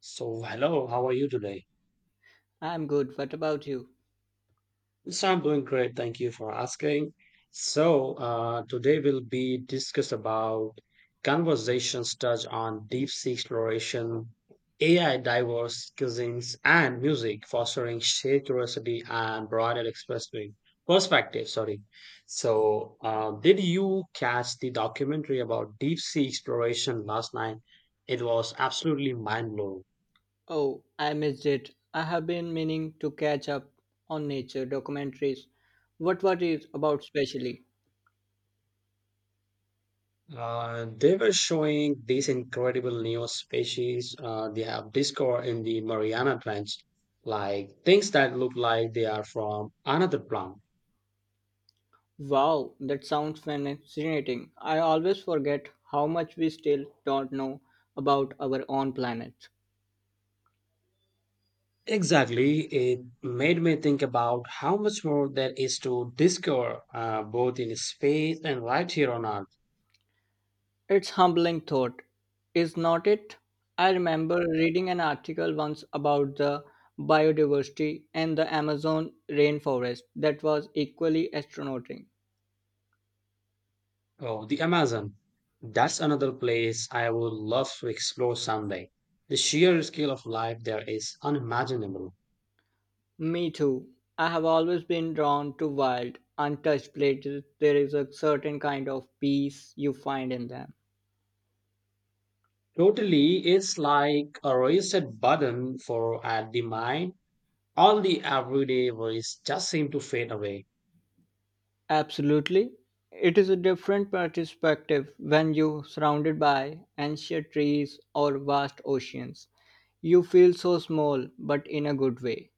So, hello, how are you today? I'm good. What about you? So, I'm doing great. Thank you for asking. Today will be discuss about conversations touch on deep sea exploration, AI diverse cuisines, and music, fostering shared curiosity and broader expressway perspective. Sorry. Did you catch the documentary about deep sea exploration last night? It was absolutely mind blowing. Oh, I missed it. I have been meaning to catch up on nature documentaries. What is about specially? They were showing these incredible new species they have discovered in the Mariana Trench, like things that look like they are from another planet. Wow, that sounds fascinating. I always forget how much we still don't know about our own planet. Exactly, it made me think about how much more there is to discover, both in space and right here on Earth. It's humbling thought, is not it? I remember reading an article once about the biodiversity and the Amazon rainforest that was equally astonishing. Oh, the Amazon. That's another place I would love to explore someday. The sheer scale of life there is unimaginable. Me too. I have always been drawn to wild, untouched places. There is a certain kind of peace you find in them. Totally, it's like a reset button for at the mind. All the everyday worries just seem to fade away. Absolutely. It is a different perspective when you're surrounded by ancient trees or vast oceans. You feel so small, but in a good way.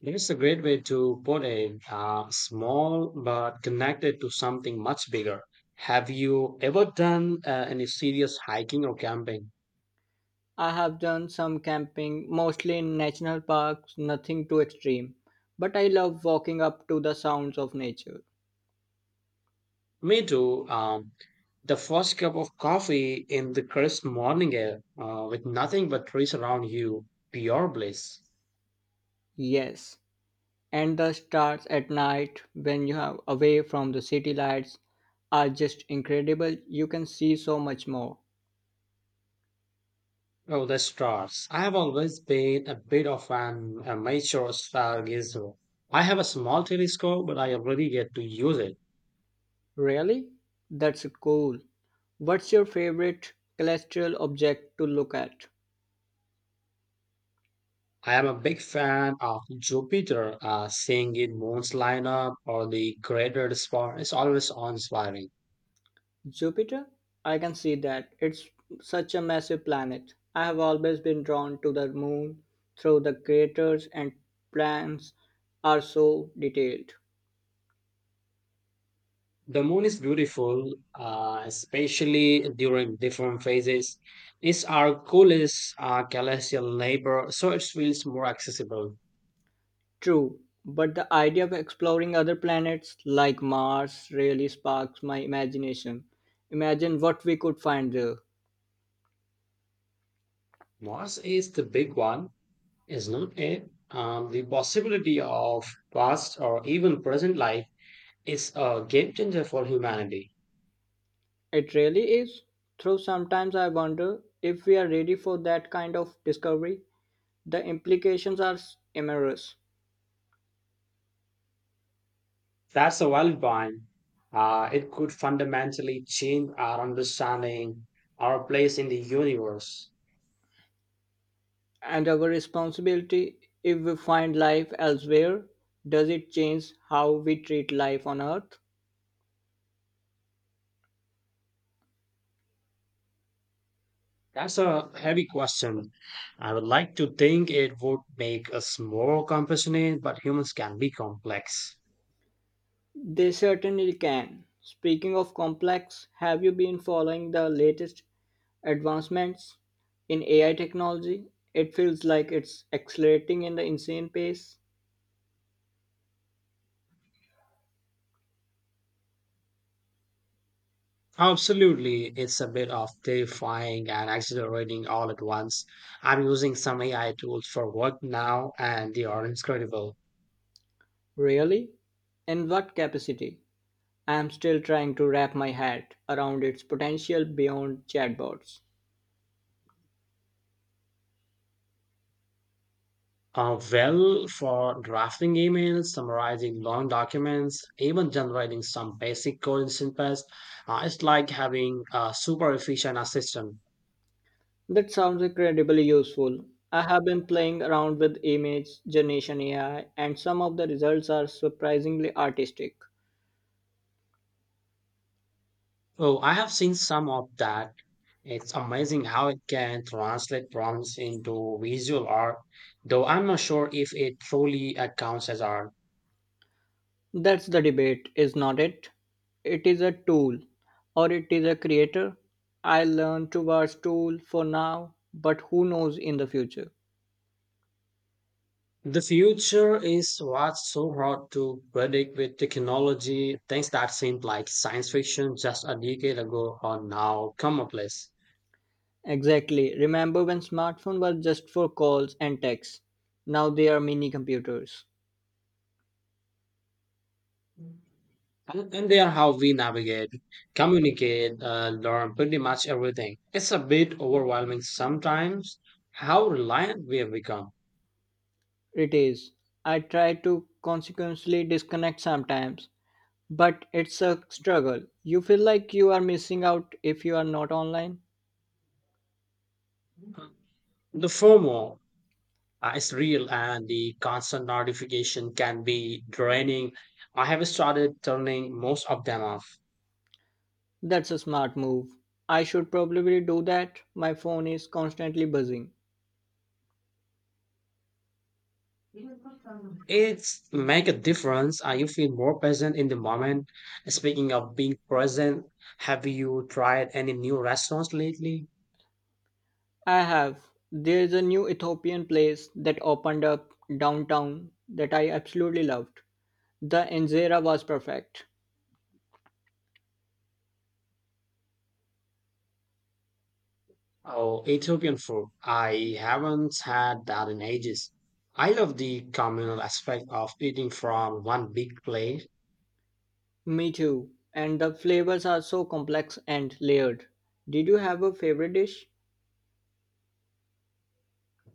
It's a great way to put it. Small but connected to something much bigger. Have you ever done any serious hiking or camping? I have done some camping, mostly in national parks, nothing too extreme, but I love walking up to the sounds of nature. Me too. The first cup of coffee in the crisp morning air, with nothing but trees around you, pure bliss. Yes, and the stars at night, when you are away from the city lights, are just incredible. You can see so much more. Oh, the stars. I have always been a bit of an amateur stargazer. I have a small telescope, but I already get to use it. Really? That's cool. What's your favorite celestial object to look at? I am a big fan of Jupiter. Seeing it moons line up or the Great Spot is always awe-inspiring. Jupiter? I can see that. It's such a massive planet. I have always been drawn to the moon through the craters and plans are so detailed. The moon is beautiful, especially during different phases. It's our coolest celestial neighbor, so it feels more accessible. True, but the idea of exploring other planets like Mars really sparks my imagination. Imagine what we could find there. Mars is the big one is not it? The possibility of past or even present life is a game changer for humanity. It really is. Though sometimes I wonder if we are ready for that kind of discovery. The implications are immense, That's a valid point. It could fundamentally change our understanding, our place in the universe. and our responsibility if we find life elsewhere, does it change how we treat life on Earth? That's a heavy question. I would like to think it would make us more compassionate, but humans can be complex. They certainly can. Speaking of complex, have you been following the latest advancements in AI technology? It feels like it's accelerating in the insane pace. Absolutely, it's a bit of terrifying and exhilarating all at once. I'm using some AI tools for work now, and they are incredible. Really? In what capacity? I'm still trying to wrap my head around its potential beyond chatbots. Well, for drafting emails, summarizing long documents, even generating some basic code in Synpass, it's like having a super efficient assistant. That sounds incredibly useful. I have been playing around with image generation AI, and some of the results are surprisingly artistic. Oh, I have seen some of that. It's amazing how it can translate prompts into visual art, though I'm not sure if it truly counts as art. That's the debate, is not it? It is a tool, or it is a creator. I learn towards tool for now, but who knows in the future? The future is what's so hard to predict with technology. Things that seemed like science fiction just a decade ago are now commonplace. Exactly. Remember when smartphone was just for calls and texts? Now they are mini computers. And they are how we navigate, communicate, learn pretty much everything. It's a bit overwhelming sometimes how reliant we have become. It is. I try to consequently disconnect sometimes, but it's a struggle. You feel like you are missing out if you are not online. The FOMO is real and the constant notification can be draining. I have started turning most of them off. That's a smart move. I should probably do that. My phone is constantly buzzing. It's make a difference. You feel more present in the moment. Speaking of being present, have you tried any new restaurants lately? I have. There's a new Ethiopian place that opened up downtown that I absolutely loved. The injera was perfect. Oh, Ethiopian food. I haven't had that in ages. I love the communal aspect of eating from one big plate. Me too. And the flavors are so complex and layered. Did you have a favorite dish?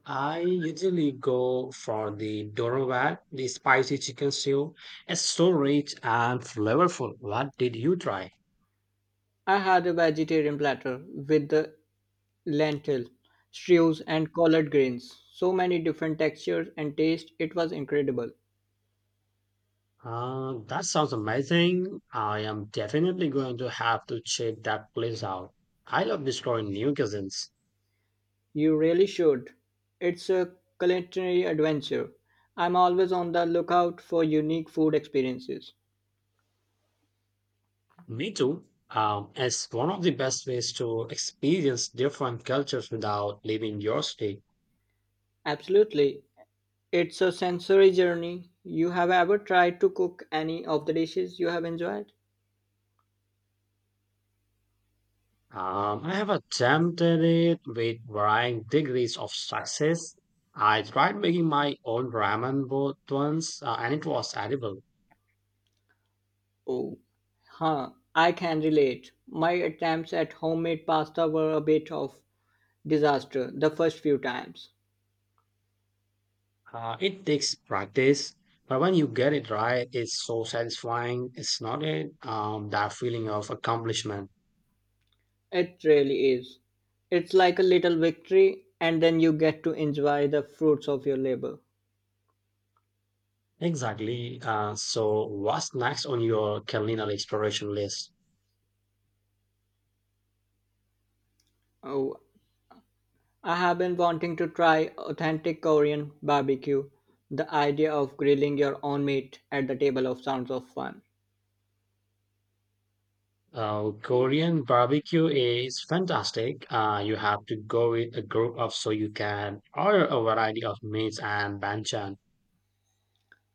I usually go for the Dorawat, the spicy chicken stew. It's so rich and flavorful. What did you try? I had a vegetarian platter with the lentil, stews, and collard greens. So many different textures and taste. It was incredible. That sounds amazing. I am definitely going to have to check that place out. I love discovering new cuisines. You really should. It's a culinary adventure. I'm always on the lookout for unique food experiences. Me too. It's one of the best ways to experience different cultures without leaving your state. Absolutely. It's a sensory journey. You have ever tried to cook any of the dishes you have enjoyed? I have attempted it with varying degrees of success. I tried making my own ramen boat once, and it was edible. Oh, huh. I can relate. My attempts at homemade pasta were a bit of disaster the first few times. It takes practice, but when you get it right, it's so satisfying. It's not it, that feeling of accomplishment. It really is. It's like a little victory, and then you get to enjoy the fruits of your labor. Exactly. So, what's next on your culinary exploration list? Oh, I have been wanting to try authentic Korean barbecue. The idea of grilling your own meat at the table of sounds of fun. Korean barbecue is fantastic. You have to go with a group of so you can order a variety of meats and banchan.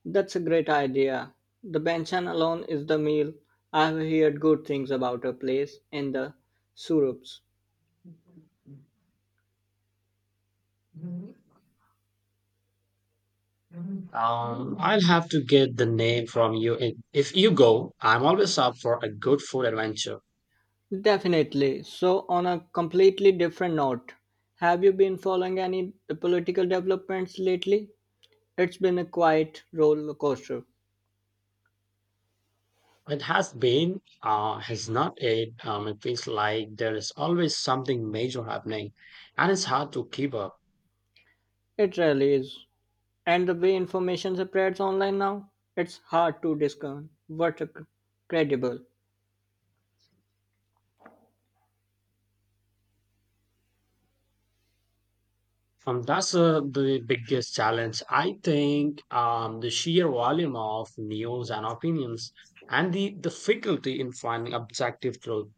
That's a great idea. The banchan alone is the meal. I've heard good things about a place in the suburbs. I'll have to get the name from you if you go. I'm always up for a good food adventure. Definitely. So, on a completely different note, have you been following any political developments lately? It's been a quiet roller coaster. It has been, has not it. It feels like there is always something major happening, and it's hard to keep up. It really is. And the way information spreads online now, it's hard to discern what's credible. That's the biggest challenge. I think the sheer volume of news and opinions and the difficulty in finding objective truth.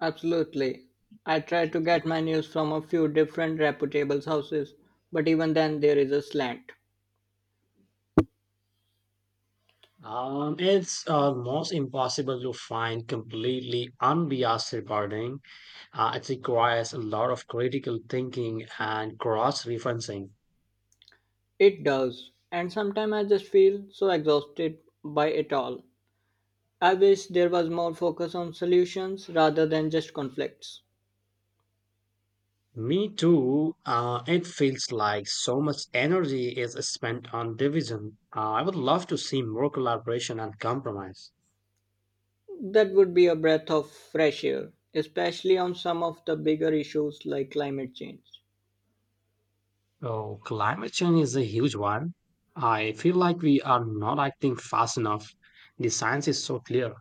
Absolutely. I try to get my news from a few different reputable sources, but even then there is a slant. It's almost impossible to find completely unbiased reporting. It requires a lot of critical thinking and cross referencing. It does. And sometimes I just feel so exhausted by it all. I wish there was more focus on solutions rather than just conflicts. Me too. It feels like so much energy is spent on division. I would love to see more collaboration and compromise. That would be a breath of fresh air, especially on some of the bigger issues like climate change. Oh, climate change is a huge one. I feel like we are not acting fast enough. The science is so clear.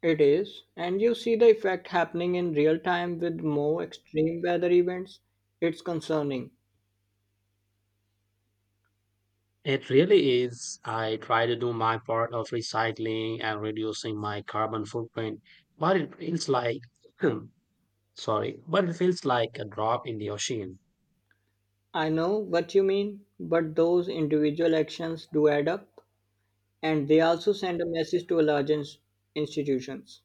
It is, and you see the effect happening in real time with more extreme weather events. It's concerning. It really is. I try to do my part of recycling and reducing my carbon footprint, but it feels like, sorry, but it feels like a drop in the ocean. I know what you mean, but those individual actions do add up, and they also send a message to larger institutions.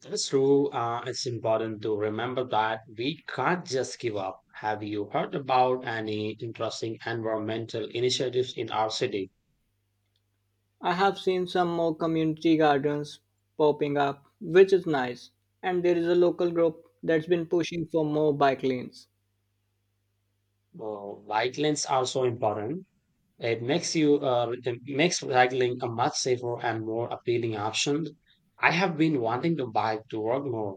That's true. It's important to remember that we can't just give up. Have you heard about any interesting environmental initiatives in our city? I have seen some more community gardens popping up, which is nice, and there is a local group that's been pushing for more bike lanes. Well, Bike lanes are so important. It makes you it makes cycling a much safer and more appealing option. I have been wanting to bike to work more.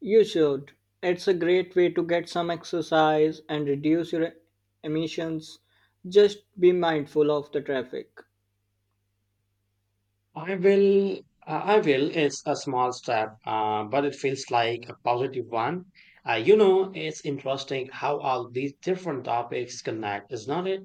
You should. It's a great way to get some exercise and reduce your emissions. Just be mindful of the traffic. I will. I will. It's a small step, but it feels like a positive one. You know, it's interesting how all these different topics connect, isn't it?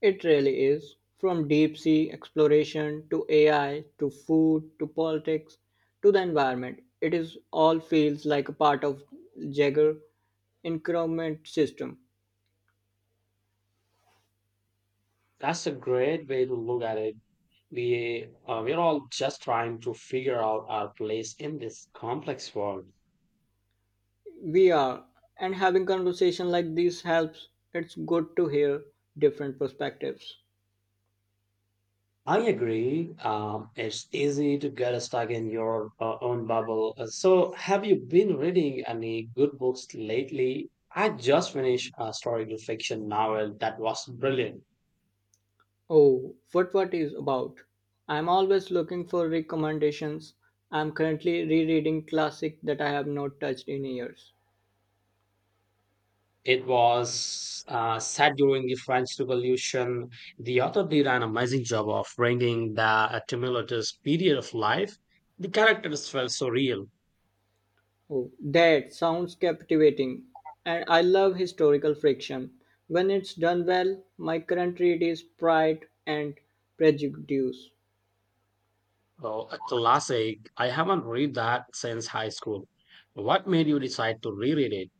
It really is. From deep sea exploration to AI to food to politics to the environment, it is all feels like a part of Jagger increment system. That's a great way to look at it. We're all just trying to figure out our place in this complex world. We are, and having conversation like this helps. It's good to hear different perspectives. I agree. It's easy to get stuck in your own bubble. So have you been reading any good books lately? I just finished a historical fiction novel that was brilliant. Oh, what is about? I'm always looking for recommendations. I'm currently rereading classic that I have not touched in years. It was set during the French Revolution. The author did an amazing job of bringing the tumultuous period of life. The characters felt so real. Oh, that sounds captivating. And I love historical friction. When it's done well, my current read is Pride and Prejudice. Oh, a classic. I haven't read that since high school. What made you decide to reread it?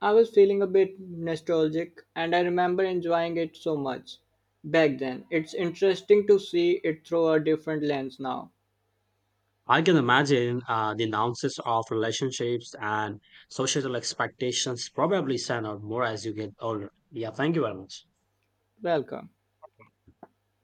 I was feeling a bit nostalgic and I remember enjoying it so much back then. It's interesting to see it through a different lens now. I can imagine the nuances of relationships and societal expectations probably stand out more as you get older. Yeah, thank you very much. Welcome.